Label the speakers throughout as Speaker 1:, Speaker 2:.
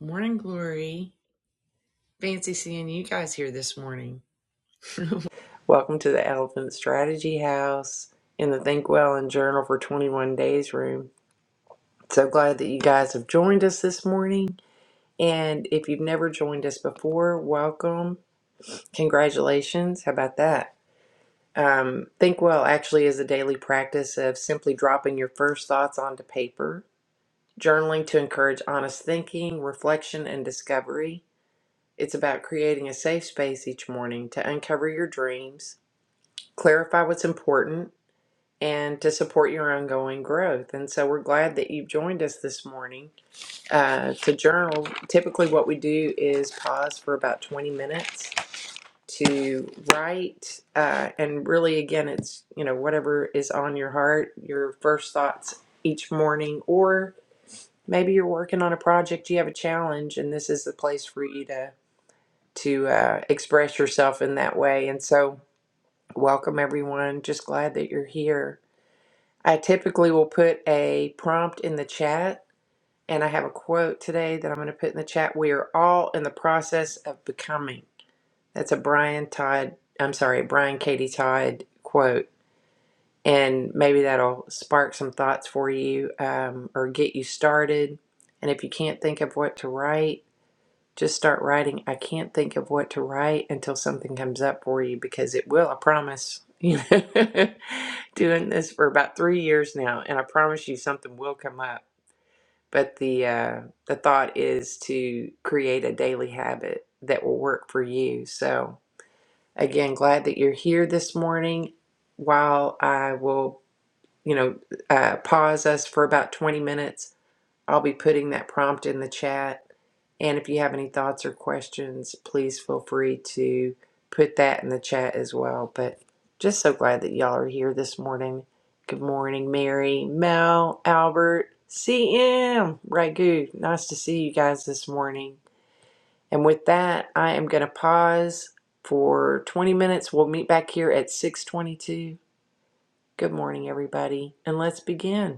Speaker 1: Morning Glory. Fancy seeing you guys here this morning. Welcome to the Elephant Strategy House in the Think Well and Journal for 21 Days room. So glad that you guys have joined us this morning. And if you've never joined us before, welcome. Congratulations. How about that? Um, Think Well actually is a daily practice of simply dropping your first thoughts onto paper, journaling to encourage honest thinking, reflection, and discovery It's about creating a safe space each morning to uncover your dreams, clarify what's important, and to support your ongoing growth. And so we're glad that you've joined us this morning uh, to journal. Typically, what we do is pause for about 20 minutes to write. Uh, and really, again, it's, you know, whatever is on your heart, your first thoughts each morning, or maybe you're working on a project, you have a challenge, and this is the place for you to to uh, express yourself in that way. And so, welcome everyone. Just glad that you're here. I typically will put a prompt in the chat, and I have a quote today that I'm going to put in the chat. We are all in the process of becoming. That's a Brian Todd, I'm sorry, Brian Katie Todd quote. And maybe that'll spark some thoughts for you um, or get you started. And if you can't think of what to write, Just start writing. I can't think of what to write until something comes up for you because it will, I promise. You know, doing this for about three years now, and I promise you something will come up. But the uh, the thought is to create a daily habit that will work for you. So again, glad that you're here this morning. While I will, you know, uh, pause us for about 20 minutes I'll be putting that prompt in the chat. And if you have any thoughts or questions, please feel free to put that in the chat as well. But just so glad that y'all are here this morning. Good morning, Mary, Mel, Albert, CM, Ragu. Nice to see you guys this morning. And with that, I am going to pause for 20 minutes. We'll meet back here at 6:22. Good morning, everybody, and let's begin.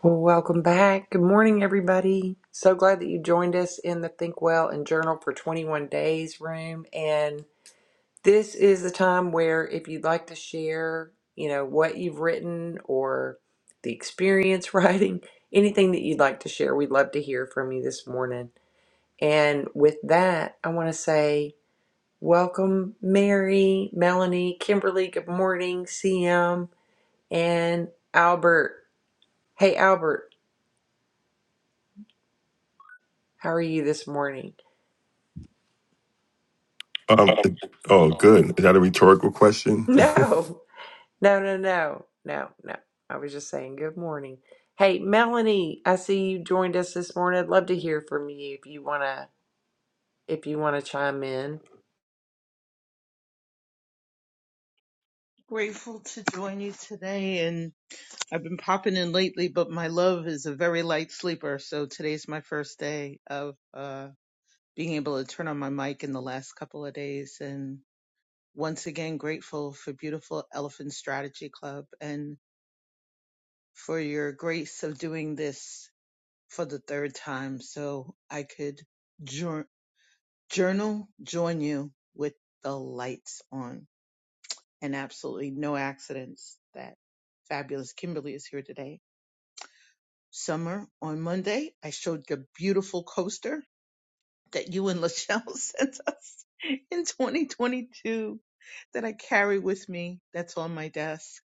Speaker 1: Well, welcome back. Good morning, everybody. So glad that you joined us in the Think Well and Journal for 21 Days room. And this is the time where, if you'd like to share, you know, what you've written or the experience writing, anything that you'd like to share, we'd love to hear from you this morning. And with that, I want to say welcome, Mary, Melanie, Kimberly. Good morning, CM, and Albert. Hey, Albert, how are you this morning?
Speaker 2: Um, oh, good. Is that a rhetorical question?
Speaker 1: No, no, no, no, no, no. I was just saying good morning. Hey, Melanie, I see you joined us this morning. I'd love to hear from you if you wanna if you wanna chime in.
Speaker 3: Grateful to join you today, and I've been popping in lately, but my love is a very light sleeper, so today's my first day of uh, being able to turn on my mic in the last couple of days. And once again, grateful for beautiful Elephant Strategy Club and for your grace of doing this for the third time, so I could jour- journal, join you with the lights on, and absolutely no accidents that fabulous Kimberly is here today summer on Monday. I showed the beautiful coaster that you and Lachelle sent us in 2022 that I carry with me. That's on my desk.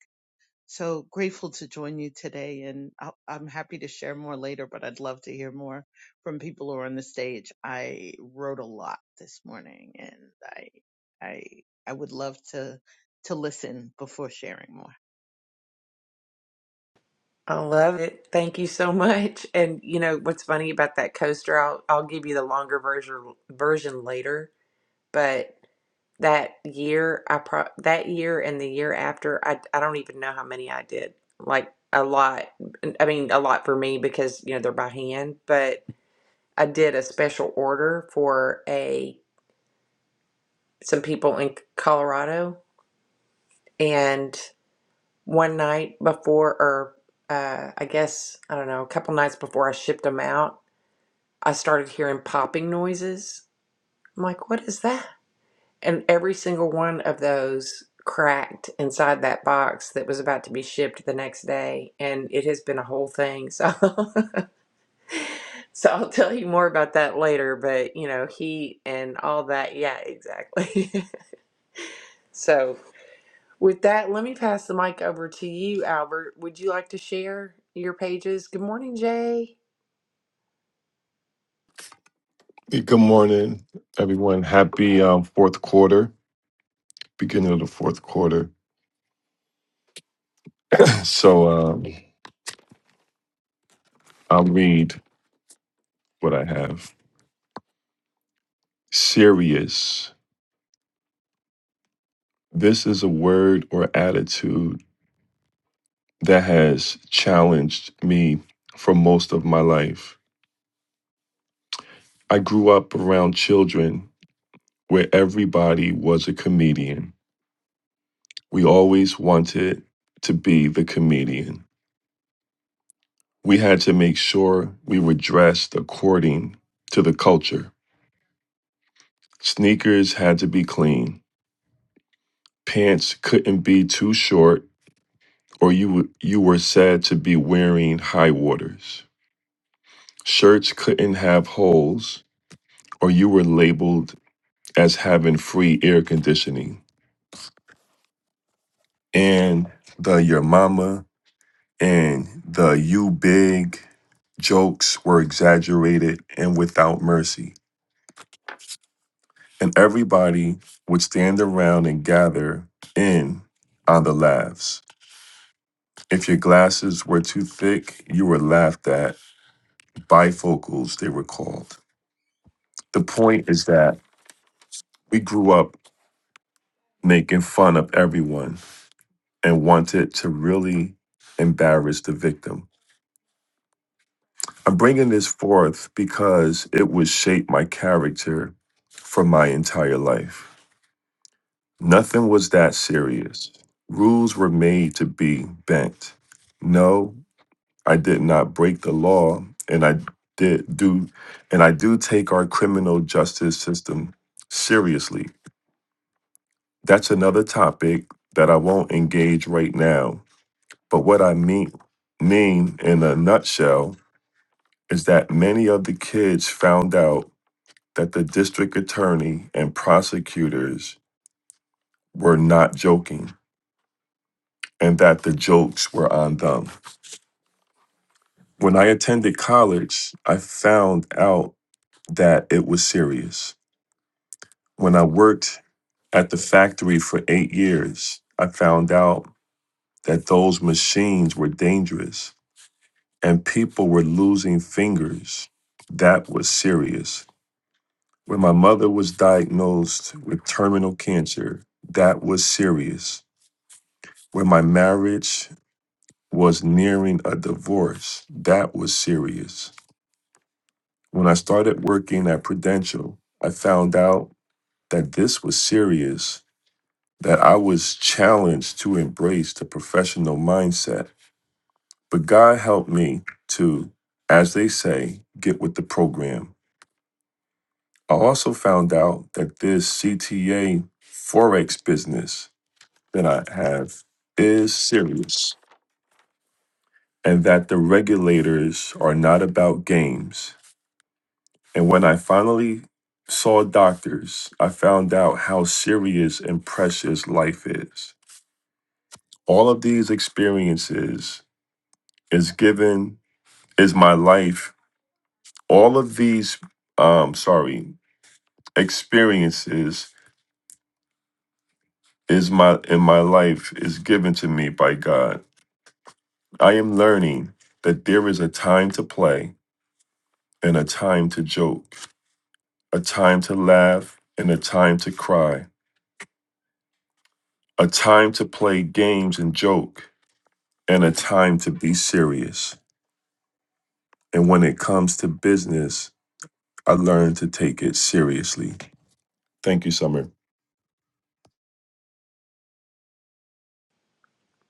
Speaker 3: So grateful to join you today. And i I'm happy to share more later, but I'd love to hear more from people who are on the stage. I wrote a lot this morning and I, I, I would love to, to listen before sharing more.
Speaker 1: I love it. Thank you so much. And you know what's funny about that coaster? I'll I'll give you the longer version version later. But that year, I pro that year and the year after, I I don't even know how many I did. Like a lot. I mean, a lot for me because you know they're by hand, but. I did a special order for a some people in Colorado, and one night before, or uh, I guess I don't know, a couple nights before I shipped them out, I started hearing popping noises. I'm like, "What is that?" And every single one of those cracked inside that box that was about to be shipped the next day, and it has been a whole thing. So, so I'll tell you more about that later. But you know, heat and all that. Yeah, exactly. So With that, let me pass the mic over to you, Albert. Would you like to share your pages? Good morning, Jay.
Speaker 2: Good morning, everyone. Happy um, fourth quarter, beginning of the fourth quarter. So um, I'll read what I have. Serious. This is a word or attitude that has challenged me for most of my life. I grew up around children where everybody was a comedian. We always wanted to be the comedian. We had to make sure we were dressed according to the culture. Sneakers had to be clean. Pants couldn't be too short, or you, you were said to be wearing high waters. Shirts couldn't have holes, or you were labeled as having free air conditioning. And the your mama and the you big jokes were exaggerated and without mercy. And everybody would stand around and gather in on the laughs. If your glasses were too thick, you were laughed at. Bifocals, they were called. The point is that we grew up making fun of everyone and wanted to really embarrass the victim. I'm bringing this forth because it would shape my character for my entire life. Nothing was that serious. Rules were made to be bent. No, I did not break the law, and I did do and I do take our criminal justice system seriously. That's another topic that I won't engage right now. But what I mean mean in a nutshell is that many of the kids found out that the district attorney and prosecutors were not joking and that the jokes were on them. When I attended college, I found out that it was serious. When I worked at the factory for eight years, I found out that those machines were dangerous and people were losing fingers. That was serious. When my mother was diagnosed with terminal cancer, that was serious. When my marriage was nearing a divorce, that was serious When I started working at Prudential, I found out that this was serious, that I was challenged to embrace the professional mindset. But God helped me to, as they say, get with the program. I also found out that this CTA Forex business that I have is serious and that the regulators are not about games. And when I finally saw doctors, I found out how serious and precious life is. All of these experiences is given is my life. All of these um sorry, experiences is my in my life is given to me by God. I am learning that there is a time to play and a time to joke, a time to laugh and a time to cry, a time to play games and joke, and a time to be serious. And when it comes to business, I learned to take it seriously. Thank you, Summer.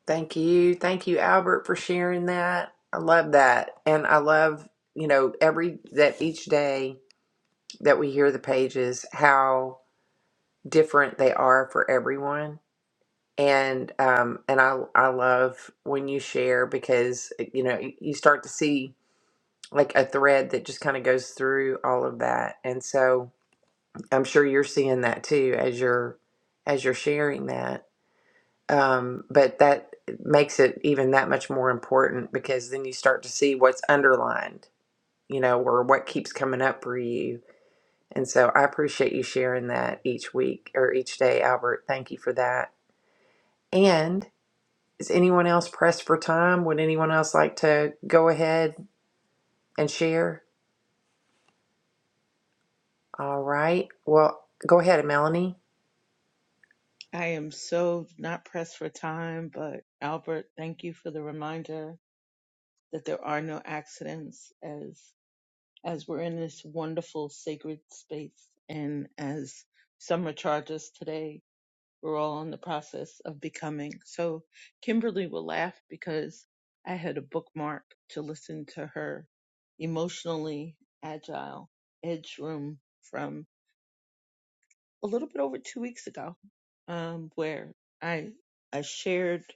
Speaker 1: Thank you. Thank you, Albert, for sharing that. I love that. And I love, you know, every that each day that we hear the pages, how different they are for everyone. And um and I I love when you share because you know you start to see like a thread that just kind of goes through all of that. And so I'm sure you're seeing that too as you're as you're sharing that. Um, but that makes it even that much more important because then you start to see what's underlined, you know, or what keeps coming up for you. And so I appreciate you sharing that each week or each day, Albert. Thank you for that. And is anyone else pressed for time? Would anyone else like to go ahead and share? All right. Well, go ahead, Melanie.
Speaker 3: I am so not pressed for time, but Albert, thank you for the reminder that there are no accidents as as we're in this wonderful sacred space and as summer charges today, we're all in the process of becoming. So Kimberly will laugh because I had a bookmark to listen to her emotionally agile edge room from a little bit over two weeks ago, um, where I I shared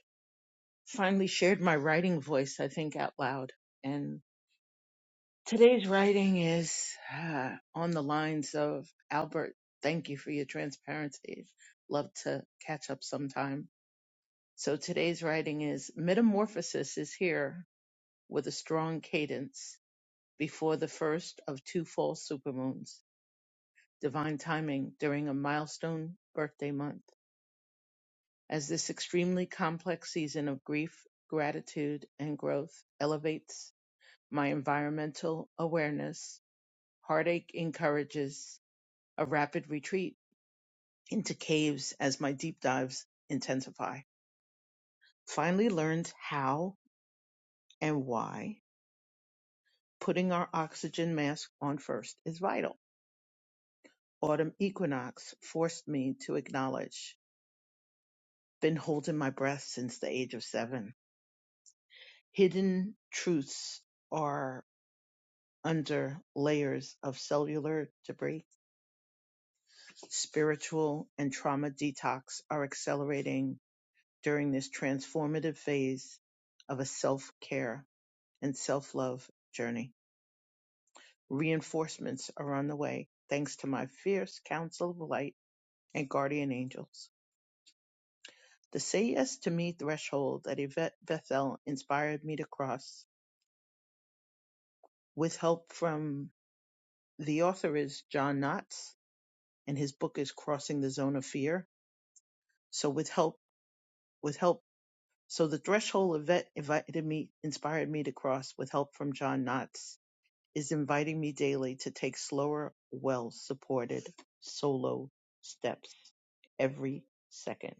Speaker 3: finally shared my writing voice, I think, out loud. And today's writing is uh, on the lines of Albert, thank you for your transparency. Love to catch up sometime. So today's writing is Metamorphosis is here with a strong cadence before the first of two fall supermoons. Divine timing during a milestone birthday month. As this extremely complex season of grief, gratitude, and growth elevates My environmental awareness heartache encourages a rapid retreat into caves as my deep dives intensify. Finally learned how and why putting our oxygen mask on first is vital. Autumn equinox forced me to acknowledge. Been holding my breath since the age of seven. Hidden truths are under layers of cellular debris. Spiritual and trauma detox are accelerating during this transformative phase of a self-care and self-love journey. Reinforcements are on the way, thanks to my fierce council of light and guardian angels. The say yes to me threshold that Yvette Bethel inspired me to cross with help from the author is John Knotts and his book is Crossing the Zone of Fear. So with help, with help, so the threshold Yvette invited me, inspired me to cross with help from John Knotts is inviting me daily to take slower, well-supported solo steps every second.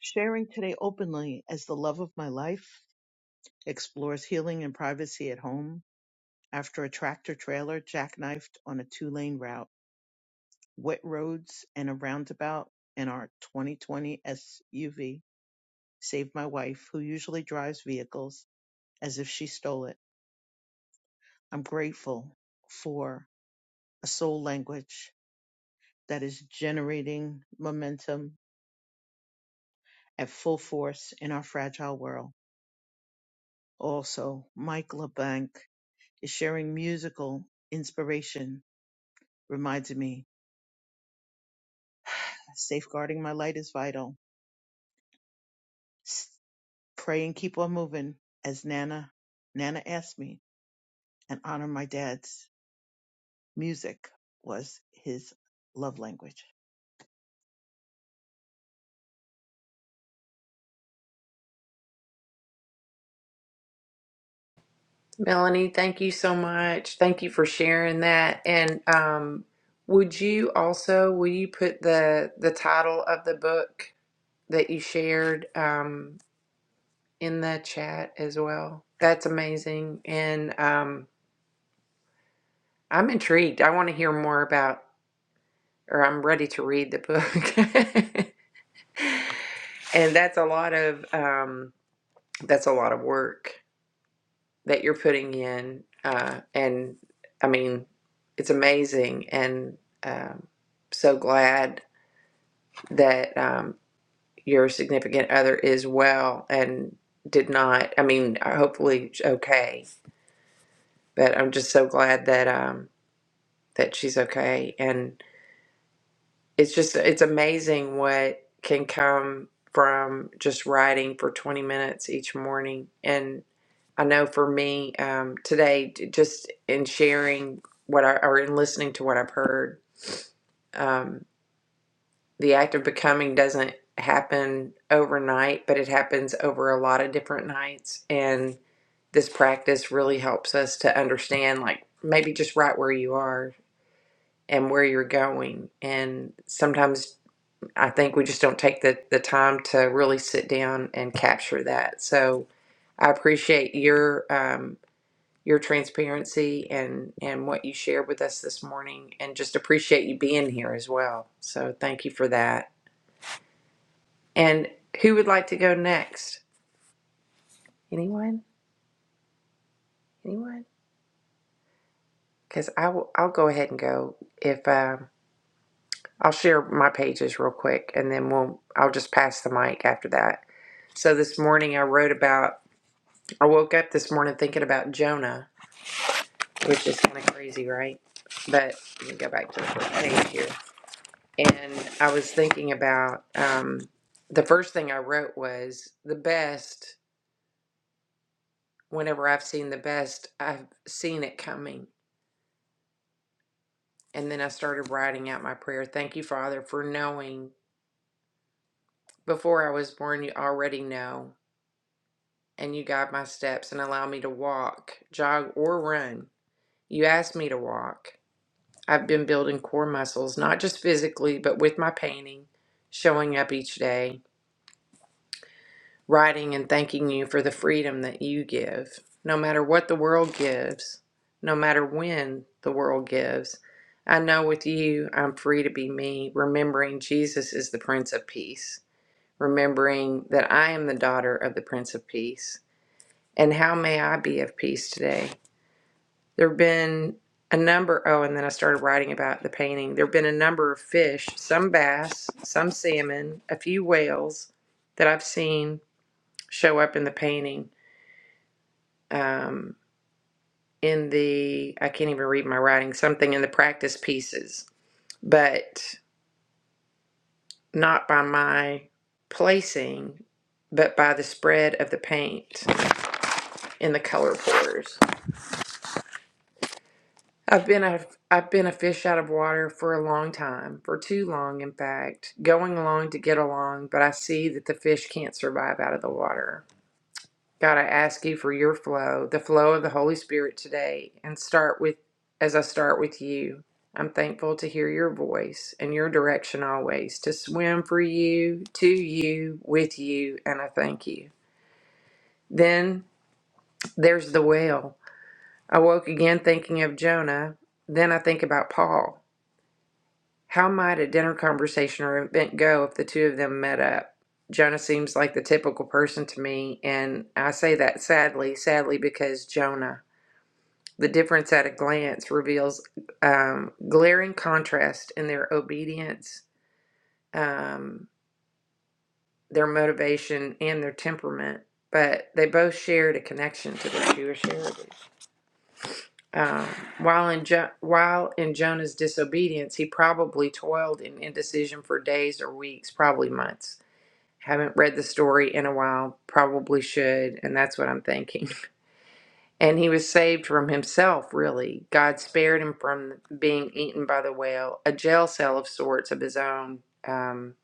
Speaker 3: Sharing today openly as the love of my life explores healing and privacy at home after a tractor trailer jackknifed on a two lane route, wet roads, and a roundabout, and our 2020 SUV saved my wife, who usually drives vehicles as if she stole it. I'm grateful for a soul language that is generating momentum at full force in our fragile world. Also, Mike LeBlanc is sharing musical inspiration, Reminds me safeguarding my light is vital. S- Pray and keep on moving, as Nana Nana asked me, and honor my dad's music was his love language.
Speaker 1: Melanie, thank you so much. Thank you for sharing that. And um, would you also will you put the the title of the book that you shared um, in the chat as well? That's amazing. And um, I'm intrigued. I want to hear more about, or I'm ready to read the book. and that's a lot of um, that's a lot of work. that you're putting in. Uh, and I mean, it's amazing. And um, so glad that um, your significant other is well and did not, I mean, uh, hopefully okay. But I'm just so glad that um, that she's okay. and. it's just it's amazing what can come from just writing for 20 minutes each morning and i know for me um, today j- just in sharing what i or in listening to what i've heard um, the act of becoming doesn't happen overnight but it happens over a lot of different nights and this practice really helps us to understand like maybe just right where you are and where you're going and sometimes I think we just don't take the, the time to really sit down and capture that. So I appreciate your um, your transparency and and what you shared with us this morning, and just appreciate you being here as well. So thank you for that. And who would like to go next? Anyone? Anyone? Because I will. I'll go ahead and go. If um, I'll share my pages real quick, and then we'll. I'll just pass the mic after that. So this morning I wrote about. I woke up this morning thinking about Jonah, which is kind of crazy, right? But let me go back to the first page here. And I was thinking about um, the first thing I wrote was the best, whenever I've seen the best, I've seen it coming. And then I started writing out my prayer. Thank you, Father, for knowing before I was born, you already know, and you guide my steps and allow me to walk, jog, or run. You asked me to walk. I've been building core muscles, not just physically, but with my painting, showing up each day, writing and thanking you for the freedom that you give. No matter what the world gives, no matter when the world gives, I know with you, I'm free to be me, remembering Jesus is the Prince of Peace, remembering that I am the daughter of the Prince of Peace. And how may I be of peace today? there have been a number oh and then i started writing about the painting there have been a number of fish some bass some salmon a few whales that i've seen show up in the painting um, in the i can't even read my writing something in the practice pieces but not by my placing but by the spread of the paint in the color pours I've been a I've been a fish out of water for a long time, for too long in fact, going along to get along, but I see that the fish can't survive out of the water. God, I ask you for your flow, the flow of the Holy Spirit today, and start with as I start with you. I'm thankful to hear your voice and your direction always, to swim for you, to you, with you, and I thank you. Then there's the whale. I woke again thinking of Jonah. Then I think about Paul. How might a dinner conversation or event go if the two of them met up? Jonah seems like the typical person to me, and I say that sadly, sadly because Jonah. The difference at a glance reveals um, glaring contrast in their obedience, um, their motivation, and their temperament. But they both shared a connection to their Jewish heritage. Um, while in jo- while in Jonah's disobedience, he probably toiled in indecision for days or weeks, probably months. Haven't read the story in a while, probably should, and that's what I'm thinking. And he was saved from himself, really. God spared him from being eaten by the whale, a jail cell of sorts of his own um,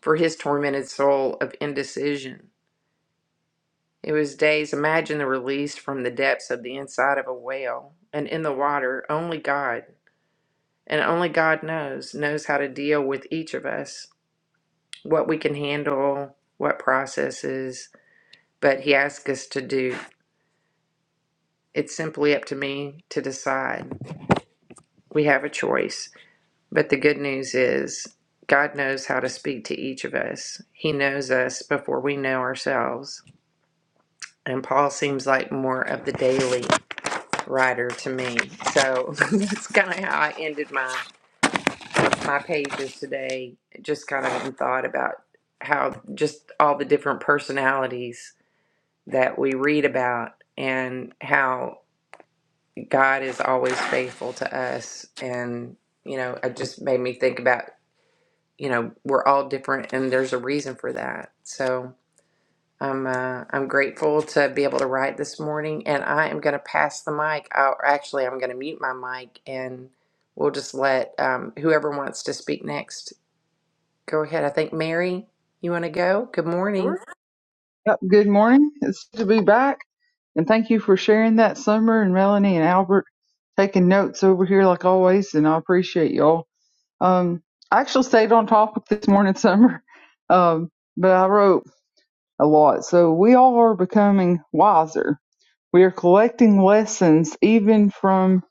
Speaker 1: for his tormented soul of indecision. It was days, imagine the release from the depths of the inside of a whale and in the water, only God. And only God knows, knows how to deal with each of us, what we can handle, what processes, but he asks us to do. It's simply up to me to decide. We have a choice. But the good news is, God knows how to speak to each of us. He knows us before we know ourselves. And Paul seems like more of the daily writer to me. So that's kind of how I ended my my pages today. Just kind of in thought about how just all the different personalities that we read about and how God is always faithful to us. And, you know, it just made me think about, you know, we're all different and there's a reason for that. So I'm uh, I'm grateful to be able to write this morning and I am going to pass the mic. i actually, I'm going to mute my mic and we'll just let um, whoever wants to speak next go ahead. I think Mary, you want to go? Good morning.
Speaker 4: Sure. Yep. Good morning. It's good to be back. And thank you for sharing that, Summer and Melanie and Albert, taking notes over here like always. And I appreciate y'all. Um, I actually stayed on topic this morning, Summer, um, but I wrote a lot. So we all are becoming wiser. We are collecting lessons even from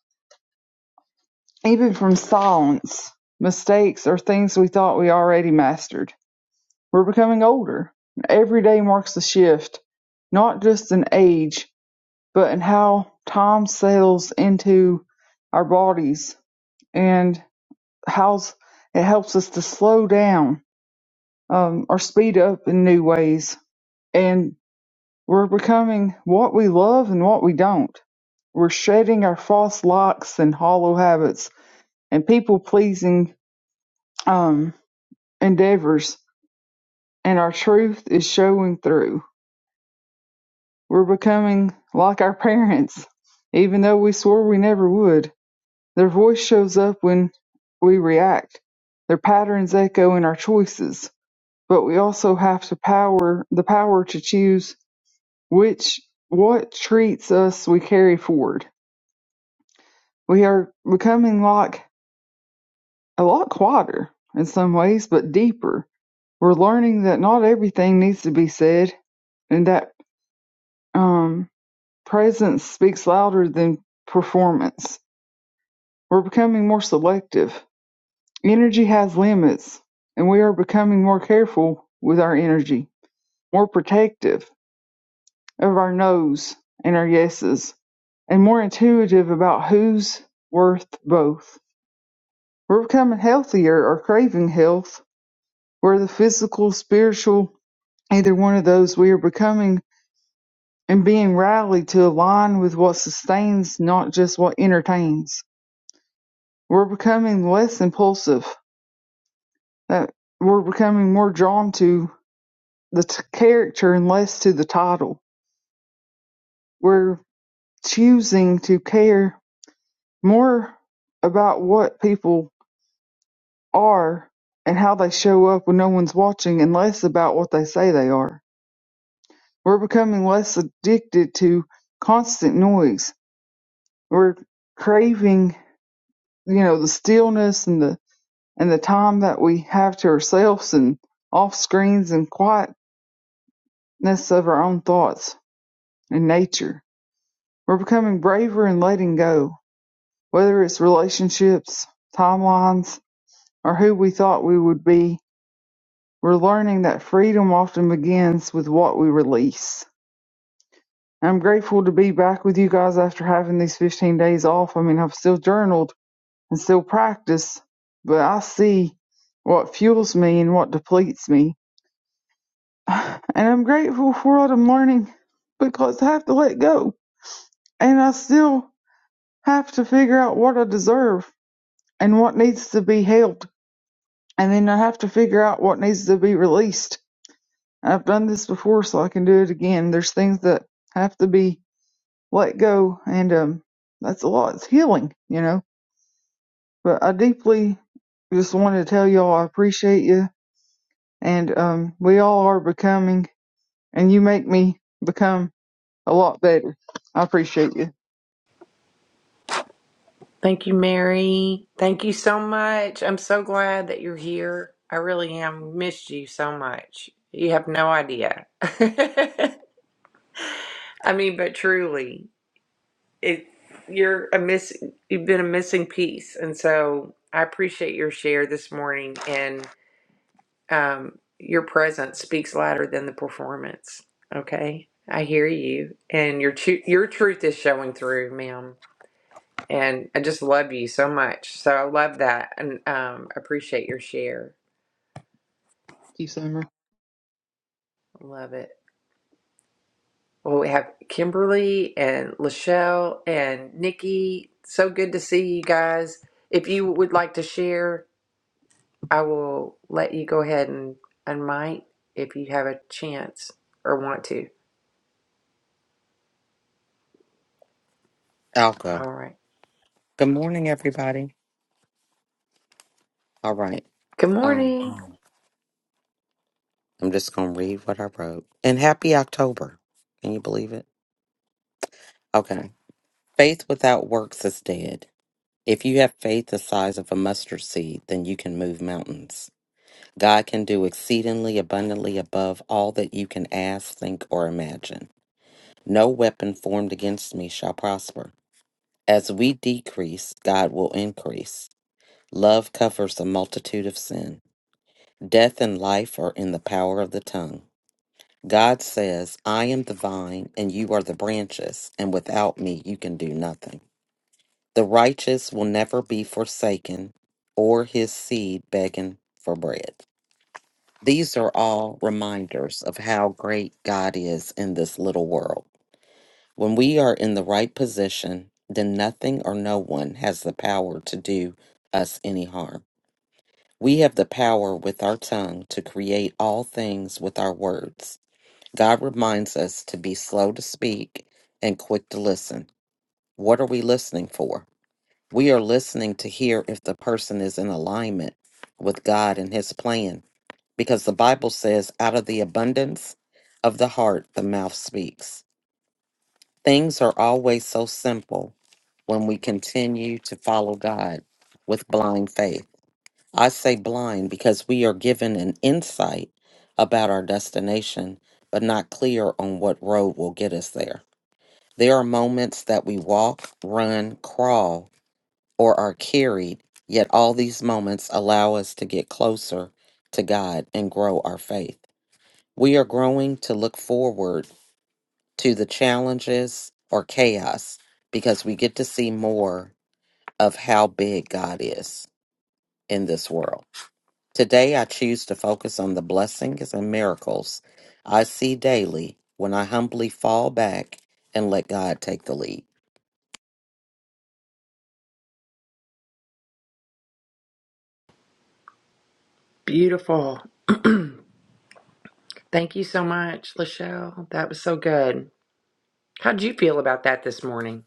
Speaker 4: even from silence, mistakes, or things we thought we already mastered. We're becoming older, every day marks a shift, not just in age, but in how time settles into our bodies and how it helps us to slow down um, or speed up in new ways. And we're becoming what we love and what we don't. We're shedding our false locks and hollow habits and people pleasing um, endeavors, and our truth is showing through. We're becoming like our parents, even though we swore we never would. Their voice shows up when we react. Their patterns echo in our choices, but we also have to power the power to choose which what treats us we carry forward. We are becoming like a lot quieter in some ways, but deeper. We're learning that not everything needs to be said, and that um, presence speaks louder than performance We're becoming more selective. Energy has limits, and we are becoming more careful with our energy, more protective of our no's and our yeses, and more intuitive about who's worth both. We're becoming healthier or craving health, where the physical, spiritual, either one of those, we are becoming and being rallied to align with what sustains, not just what entertains. We're becoming less impulsive that we're becoming more drawn to the t- character and less to the title. We're choosing to care more about what people are and how they show up when no one's watching and less about what they say they are. We're becoming less addicted to constant noise. We're craving, you know, the stillness and the and the time that we have to ourselves and off screens and quietness of our own thoughts and nature We're becoming braver in letting go, whether it's relationships, timelines, or who we thought we would be. We're learning that freedom often begins with what we release. I'm grateful to be back with you guys after having these 15 days off. I mean, I've still journaled and still practiced, but I see what fuels me and what depletes me. And I'm grateful for what I'm learning because I have to let go. And I still have to figure out what I deserve and what needs to be held. And then I have to figure out what needs to be released. I've done this before, so I can do it again. There's things that have to be let go, and um, that's a lot. It's healing, you know. But I deeply just want to tell y'all I appreciate you, and um, we all are becoming, and you make me become a lot better. I appreciate you. Thank
Speaker 1: Thank you, Mary. Thank you so much. I'm so glad that you're here. I really am. Missed you so much. You have no idea. I mean, but truly, it you're a miss. You've been a missing piece, and so I appreciate your share this morning. And um, your presence speaks louder than the performance. Okay, I hear you, and your tru- your truth is showing through, ma'am. and I just love you so much. So I love that and um, appreciate your share.
Speaker 4: you, Summer.
Speaker 1: Love it. Well, we have Kimberly and Lachelle and Nikki. So good to see you guys. If you would like to share, I will let you go ahead and and might if you have a chance or want to.
Speaker 5: I'll go.
Speaker 1: All right.
Speaker 5: Good morning, everybody. All right.
Speaker 1: Good
Speaker 5: Um,
Speaker 1: morning. Oh.
Speaker 5: I'm just gonna read what I wrote. And happy October. Can you believe it? Okay. Faith without works is dead. If you have faith the size of a mustard seed, then you can move mountains. God can do exceedingly abundantly above all that you can ask, think, or imagine. No weapon formed against me shall prosper. As we decrease, God will increase. Love covers a multitude of sin. Death and life are in the power of the tongue. God says, I am the vine, and you are the branches, and without me you can do nothing. The righteous will never be forsaken, or his seed begging for bread. These are all reminders of how great God is in this little world. When we are in the right position, then nothing or no one has the power to do us any harm. We have the power with our tongue to create all things with our words God reminds us to be slow to speak and quick to listen. What are we listening for? We are listening to hear if the person is in alignment with God and his plan, because the Bible says, out of the abundance of the heart, the mouth speaks. Things are always so simple when we continue to follow God with blind faith. I say blind because we are given an insight about our destination, but not clear on what road will get us there. There are moments that we walk, run, crawl, or are carried, yet all these moments allow us to get closer to God and grow our faith. We are growing to look forward to the challenges or chaos because we get to see more of how big God is in this world. Today I choose to focus on the blessings and miracles I see daily when I humbly fall back and let God take the lead.
Speaker 1: Beautiful. Thank you so much, Lachelle. That was so good. How would you feel about that this morning?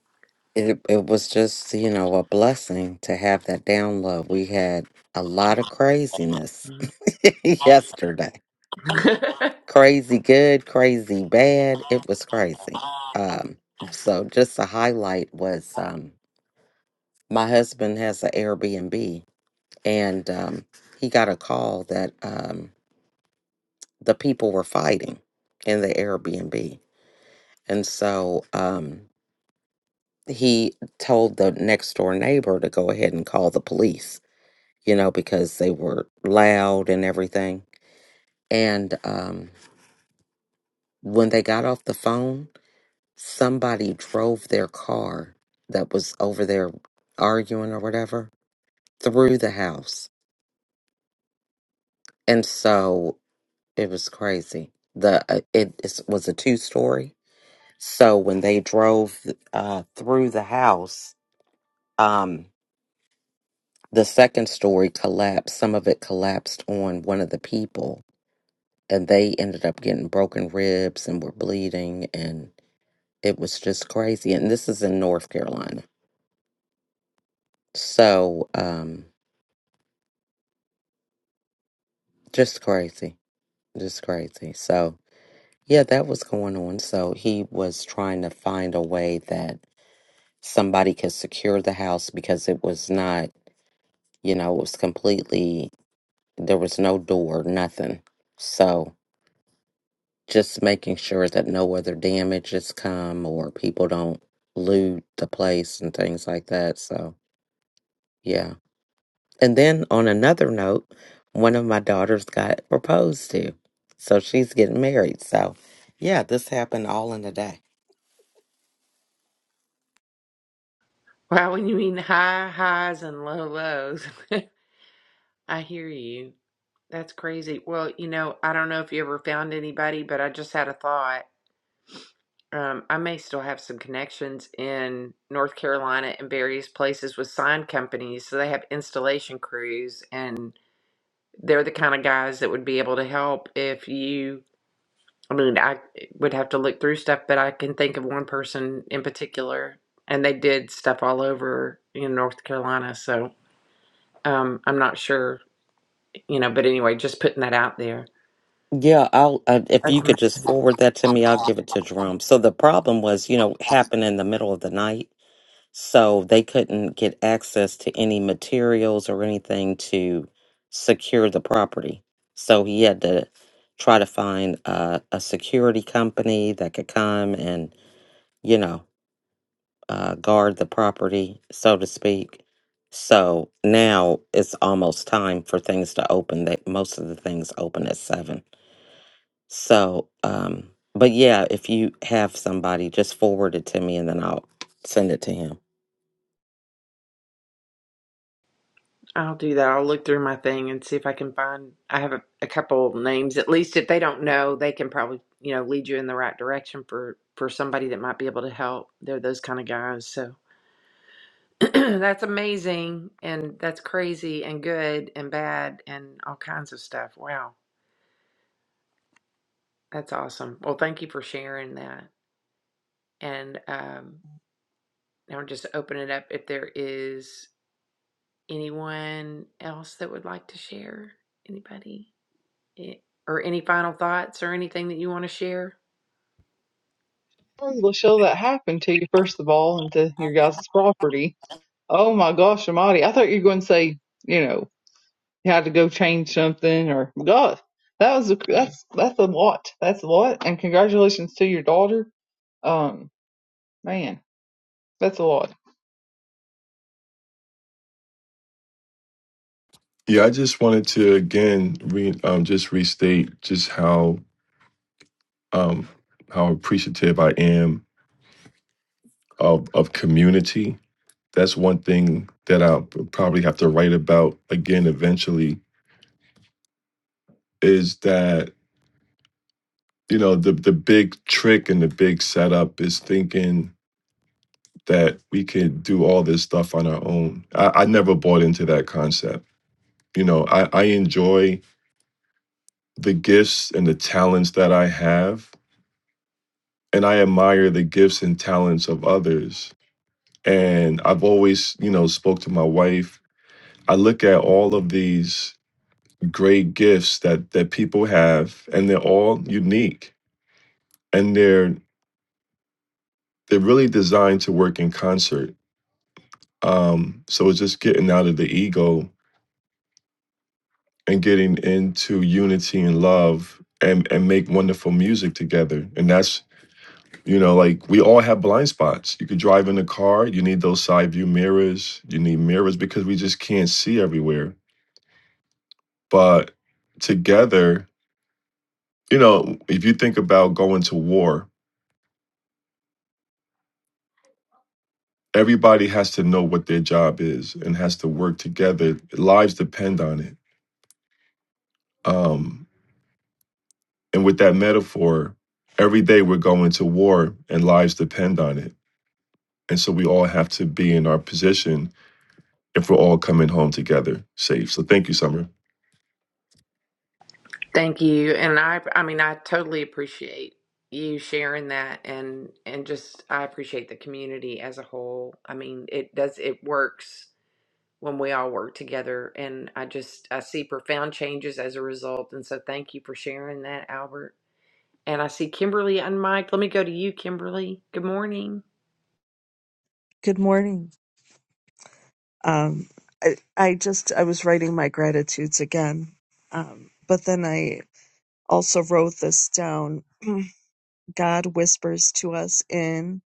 Speaker 5: It, it was just, you know, a blessing to have that download. We had a lot of craziness
Speaker 1: Mhm.
Speaker 5: yesterday. Crazy good, crazy bad. It was crazy. Um, so just a highlight was um, my husband has an Airbnb and um, he got a call that. Um, the people were fighting in the Airbnb. And so um, he told the next door neighbor to go ahead and call the police, you know, because they were loud and everything. And um, when they got off the phone, somebody drove their car that was over there arguing or whatever through the house. And so it was crazy. The uh, it, it was a two story So when they drove uh, through the house, um, the second story collapsed. Some of it collapsed on one of the people, and they ended up getting broken ribs and were bleeding, and it was just crazy. And this is in North Carolina, so um, just crazy, just crazy. So yeah, that was going on. So he was trying to find a way that somebody could secure the house because it was not, you know, it was completely There was no door, nothing. So just making sure that no other damages come or people don't loot the place and things like that. So yeah. And then on another note, one of my daughters got proposed to. So she's getting married. So yeah, this happened all in a day.
Speaker 1: Wow, when you mean high highs and low lows, I hear you. That's crazy. Well, you know, I don't know if you ever found anybody, but I just had a thought. Um, I may still have some connections in North Carolina and various places with sign companies. So they have installation crews, and they're the kind of guys that would be able to help if you. I mean, I would have to look through stuff, but I can think of one person in particular, and they did stuff all over in North Carolina. So um, I'm not sure, you know, but anyway, just putting that out there.
Speaker 5: Yeah, I'll uh, if you
Speaker 1: Okay.
Speaker 5: could just forward that to me, I'll give it to Jerome. So the problem was, you know, happened in the middle of the night. So they couldn't get access to any materials or anything to secure the property. So he had to try to find uh, a security company that could come and, you know, uh, guard the property, so to speak. So now it's almost time for things to open. That most of the things open at seven. So, um, but yeah, if you have somebody, just forward it to me and then I'll send it to him.
Speaker 1: I'll do that. I'll look through my thing and see if I can find. I have a, a couple names. At least if they don't know, they can probably, you know, lead you in the right direction for for somebody that might be able to help. They're those kind of guys. So that's amazing and that's crazy and good and bad and all kinds of stuff. Wow. That's awesome. Well, thank you for sharing that. And um, now just open it up if there is anyone else that would like to share. Anybody? Eh, Or any final thoughts or anything that you want to share?
Speaker 4: Sorry, Lachelle, that happened to you, first of all, and to your guys' property. Oh my gosh, Almighty! I thought you were going to say, you know, you had to go change something or God. That was a, that's that's a lot. That's a lot. And congratulations to your daughter. Um, man, that's a lot.
Speaker 2: Yeah, I just wanted to again re, um, just restate just how um, how appreciative I am of of community. That's one thing that I'll probably have to write about again eventually. Is that you know the the big trick and the big setup is thinking that we could do all this stuff on our own. I, I never bought into that concept. You know, I, I enjoy the gifts and the talents that I have, and I admire the gifts and talents of others. And I've always, you know, spoke to my wife. I look at all of these great gifts that that people have, and they're all unique, and they're they're really designed to work in concert. Um, so it's just getting out of the ego and getting into unity and love and and make wonderful music together and that's you know like we all have blind spots you could drive in a car you need those side view mirrors you need mirrors because we just can't see everywhere but together you know if you think about going to war everybody has to know what their job is and has to work together lives depend on it um and with that metaphor every day we're going to war and lives depend on it And so we all have to be in our position if we're all coming home together safe. So thank you, Summer.
Speaker 1: Thank you. And I I mean I totally appreciate you sharing that and and just I appreciate the community as a whole. I mean, it does it works when we all work together and I just I see profound changes as a result and so thank you for sharing that Albert And I see Kimberly and Mike. Let me go to you, Kimberly. Good morning.
Speaker 6: Good morning. Um, I, I just I was writing my gratitudes again, um, but then I also wrote this down. God whispers to us in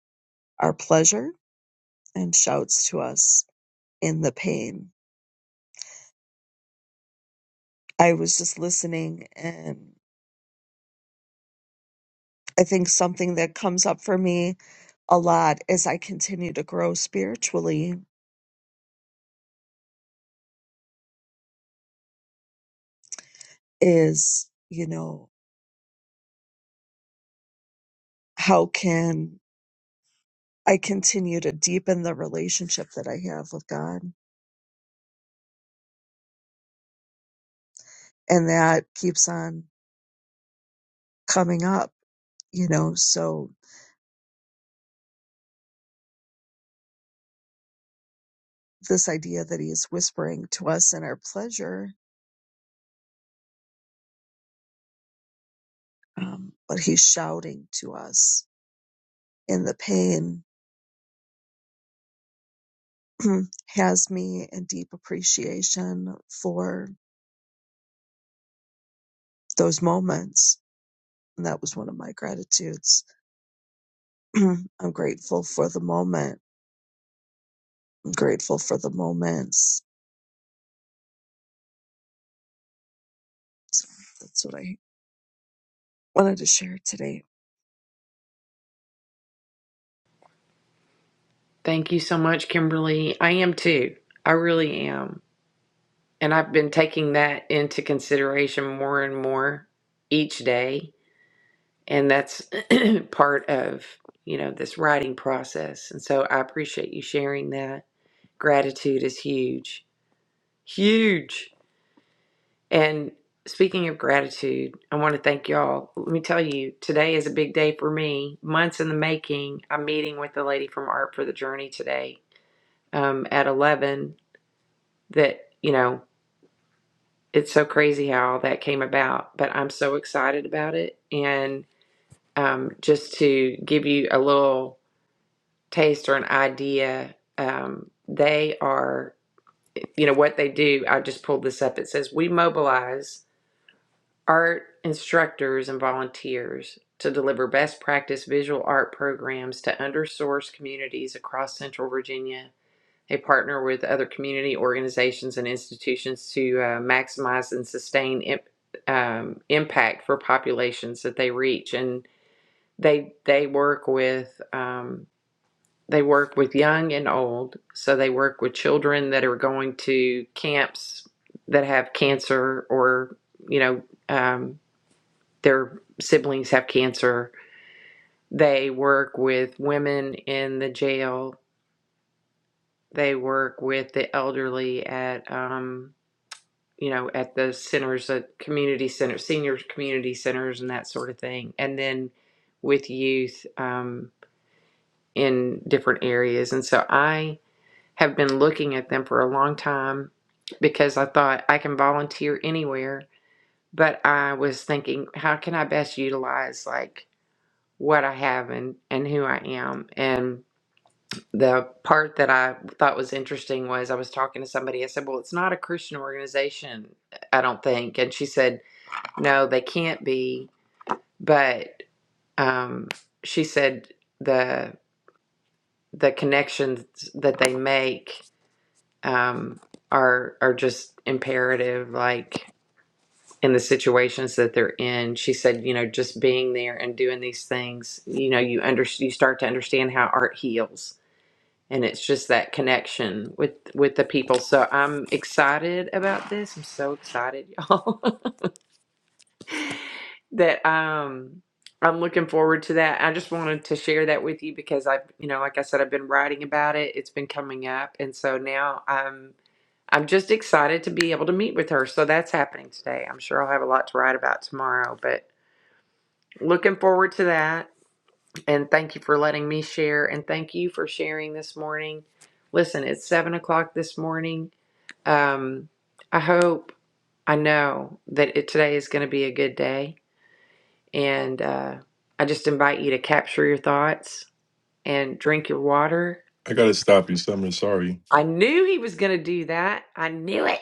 Speaker 6: our pleasure and shouts to us in the pain. I was just listening, and I think something that comes up for me a lot as I continue to grow spiritually is, you know, how can I continue to deepen the relationship that I have with God? and that keeps on coming up you know so this idea that he is whispering to us in our pleasure um, but he's shouting to us in the pain has me in deep appreciation for those moments and that was one of my gratitudes i'm grateful for the moment i'm grateful for the moments so that's what i wanted to share today
Speaker 1: Thank you so much, Kimberly. I am too. I really am. And I've been taking that into consideration more and more each day. And that's part of, you know, this writing process. And so I appreciate you sharing that. Gratitude is huge. Huge. And speaking of gratitude, I want to thank y'all. Let me tell you, today is a big day for me. Months in the making. I'm meeting with the lady from Art for the Journey today um, at 11. That, you know, it's so crazy how all that came about, but I'm so excited about it. And um, just to give you a little taste or an idea, um, they are, you know, what they do. I just pulled this up. It says, We mobilize art instructors and volunteers to deliver best practice visual art programs to undersourced communities across central Virginia. They partner with other community organizations and institutions to uh, maximize and sustain imp- um, impact for populations that they reach. And they they work with um, they work with young and old. So they work with children that are going to camps that have cancer or you know um, their siblings have cancer. They work with women in the jail. They work with the elderly at, um, you know, at the centers, at community centers, senior community centers, and that sort of thing. And then with youth um, in different areas. And so I have been looking at them for a long time because I thought I can volunteer anywhere. But I was thinking, how can I best utilize like what I have and, and who I am. And the part that I thought was interesting was I was talking to somebody. I said, Well, it's not a Christian organization, I don't think. And she said, No, they can't be. But um, she said, the the connections that they make um, are are just imperative like in the situations that they're in she said you know just being there and doing these things you know you under you start to understand how art heals and it's just that connection with with the people so i'm excited about this i'm so excited y'all that um i'm looking forward to that i just wanted to share that with you because i've you know like i said i've been writing about it it's been coming up and so now i'm i'm just excited to be able to meet with her so that's happening today i'm sure i'll have a lot to write about tomorrow but looking forward to that and thank you for letting me share and thank you for sharing this morning listen it's seven o'clock this morning Um, I hope, I know that it, today is going to be a good day. And uh, I just invite you to capture your thoughts and drink your water.
Speaker 2: I gotta stop you, Summer. Sorry.
Speaker 1: I knew he was going to do that. I knew it.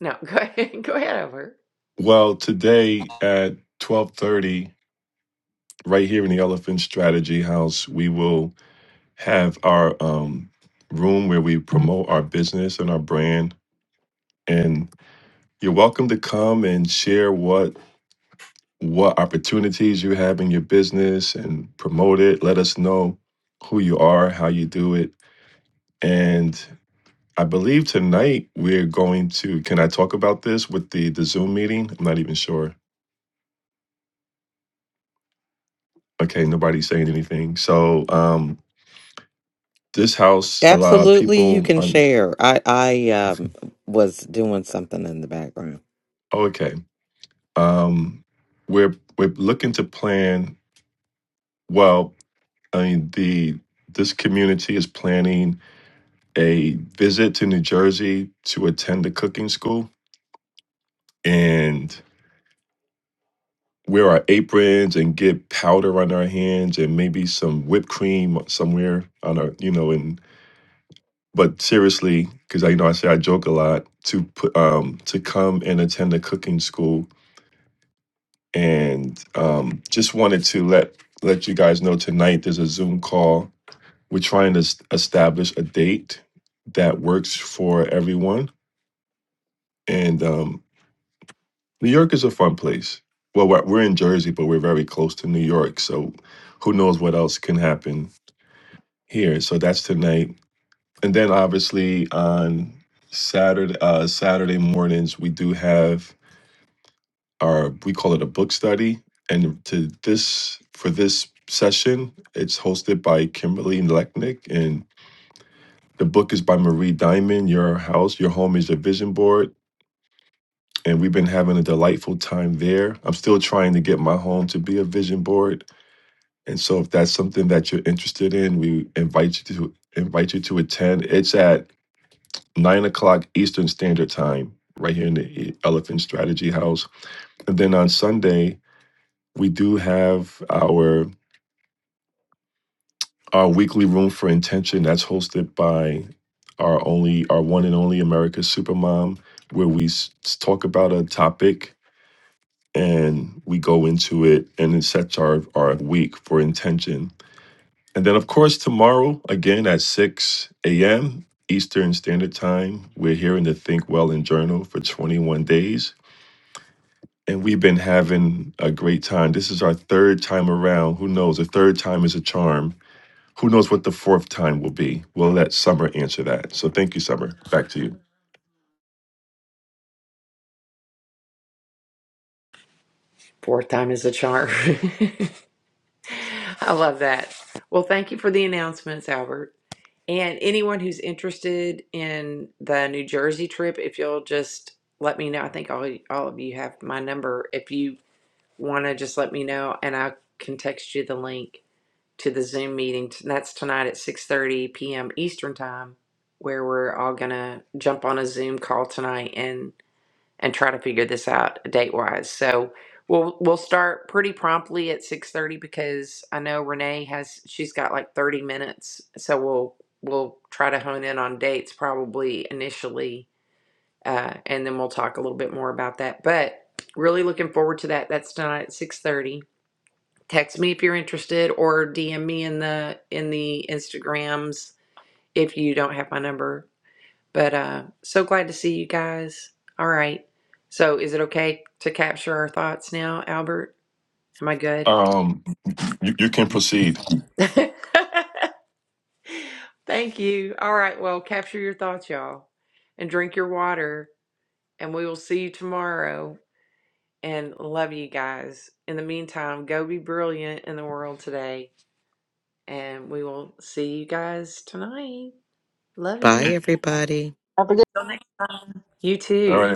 Speaker 1: No, go ahead. Go ahead over.
Speaker 2: Well, today at twelve thirty, right here in the Elephant Strategy House, we will have our um, room where we promote our business and our brand. And you're welcome to come and share what what opportunities you have in your business and promote it. Let us know who you are, how you do it, and I believe tonight we're going to. Can I talk about this with the the Zoom meeting? I'm not even sure. Okay, nobody's saying anything. So, um, this house, a lot of
Speaker 5: Absolutely, you
Speaker 2: people.
Speaker 5: can
Speaker 2: um,
Speaker 5: share. I I um, was doing something in the background.
Speaker 2: Okay, um, we're we're looking to plan. Well, I mean the this community is planning a visit to New Jersey to attend a cooking school, and wear our aprons and get powder on our hands and maybe some whipped cream somewhere on our you know and but seriously because i you know i say i joke a lot to put um to come and attend a cooking school and um just wanted to let let you guys know tonight there's a zoom call we're trying to s- establish a date that works for everyone and um new york is a fun place well we're, we're in jersey but we're very close to new york so who knows what else can happen here. So that's tonight. And then obviously on Saturday uh Saturday mornings we do have our we call it a book study. And to this for this session, it's hosted by Kimberly Lechnick and the book is by Marie Diamond, Your House, Your Home is Your Vision Board. And we've been having a delightful time there. I'm still trying to get my home to be a vision board. And so if that's something that you're interested in, we invite you to invite you to attend. It's at nine o'clock Eastern Standard Time, right here in the Elephant Strategy House. And then on Sunday, we do have our our weekly room for intention that's hosted by our only our one and only America Supermom, where we s- talk about a topic and we go into it and it sets our our week for intention. And then of course tomorrow again at six a.m. Eastern Standard Time, we're here in the Think Well and Journal for 21 days and we've been having a great time. This is our third time around. Who knows? A third time is a charm. Who knows what the fourth time will be? We'll let Summer answer that. So thank you, Summer. Back to you.
Speaker 1: Fourth time is a charm. I love that. Well, thank you for the announcements, Albert. And anyone who's interested in the New Jersey trip, if you'll just let me know. I think all, all of you have my number. If you want to just let me know and I can text you the link to the Zoom meeting. That's tonight at 6:30 p.m. Eastern Time where we're all going to jump on a Zoom call tonight and and try to figure this out date-wise. So we'll we'll start pretty promptly at 6:30 because I know Renee has she's got like 30 minutes. So we'll we'll try to hone in on dates probably initially uh, and then we'll talk a little bit more about that. But really looking forward to that. That's tonight at 6:30 text me if you're interested or DM me in the in the Instagrams if you don't have my number. But uh so glad to see you guys. All right. So is it okay to capture our thoughts now, Albert? Am I good?
Speaker 2: Um, you, you can proceed.
Speaker 1: Thank you. All right, well, capture your thoughts, y'all, and drink your water, and we will see you tomorrow. And love you guys. In the meantime, go be brilliant in the world today, and we will see you guys tonight. Love you.
Speaker 5: Bye, everybody.
Speaker 1: You
Speaker 2: All
Speaker 1: too.
Speaker 2: right.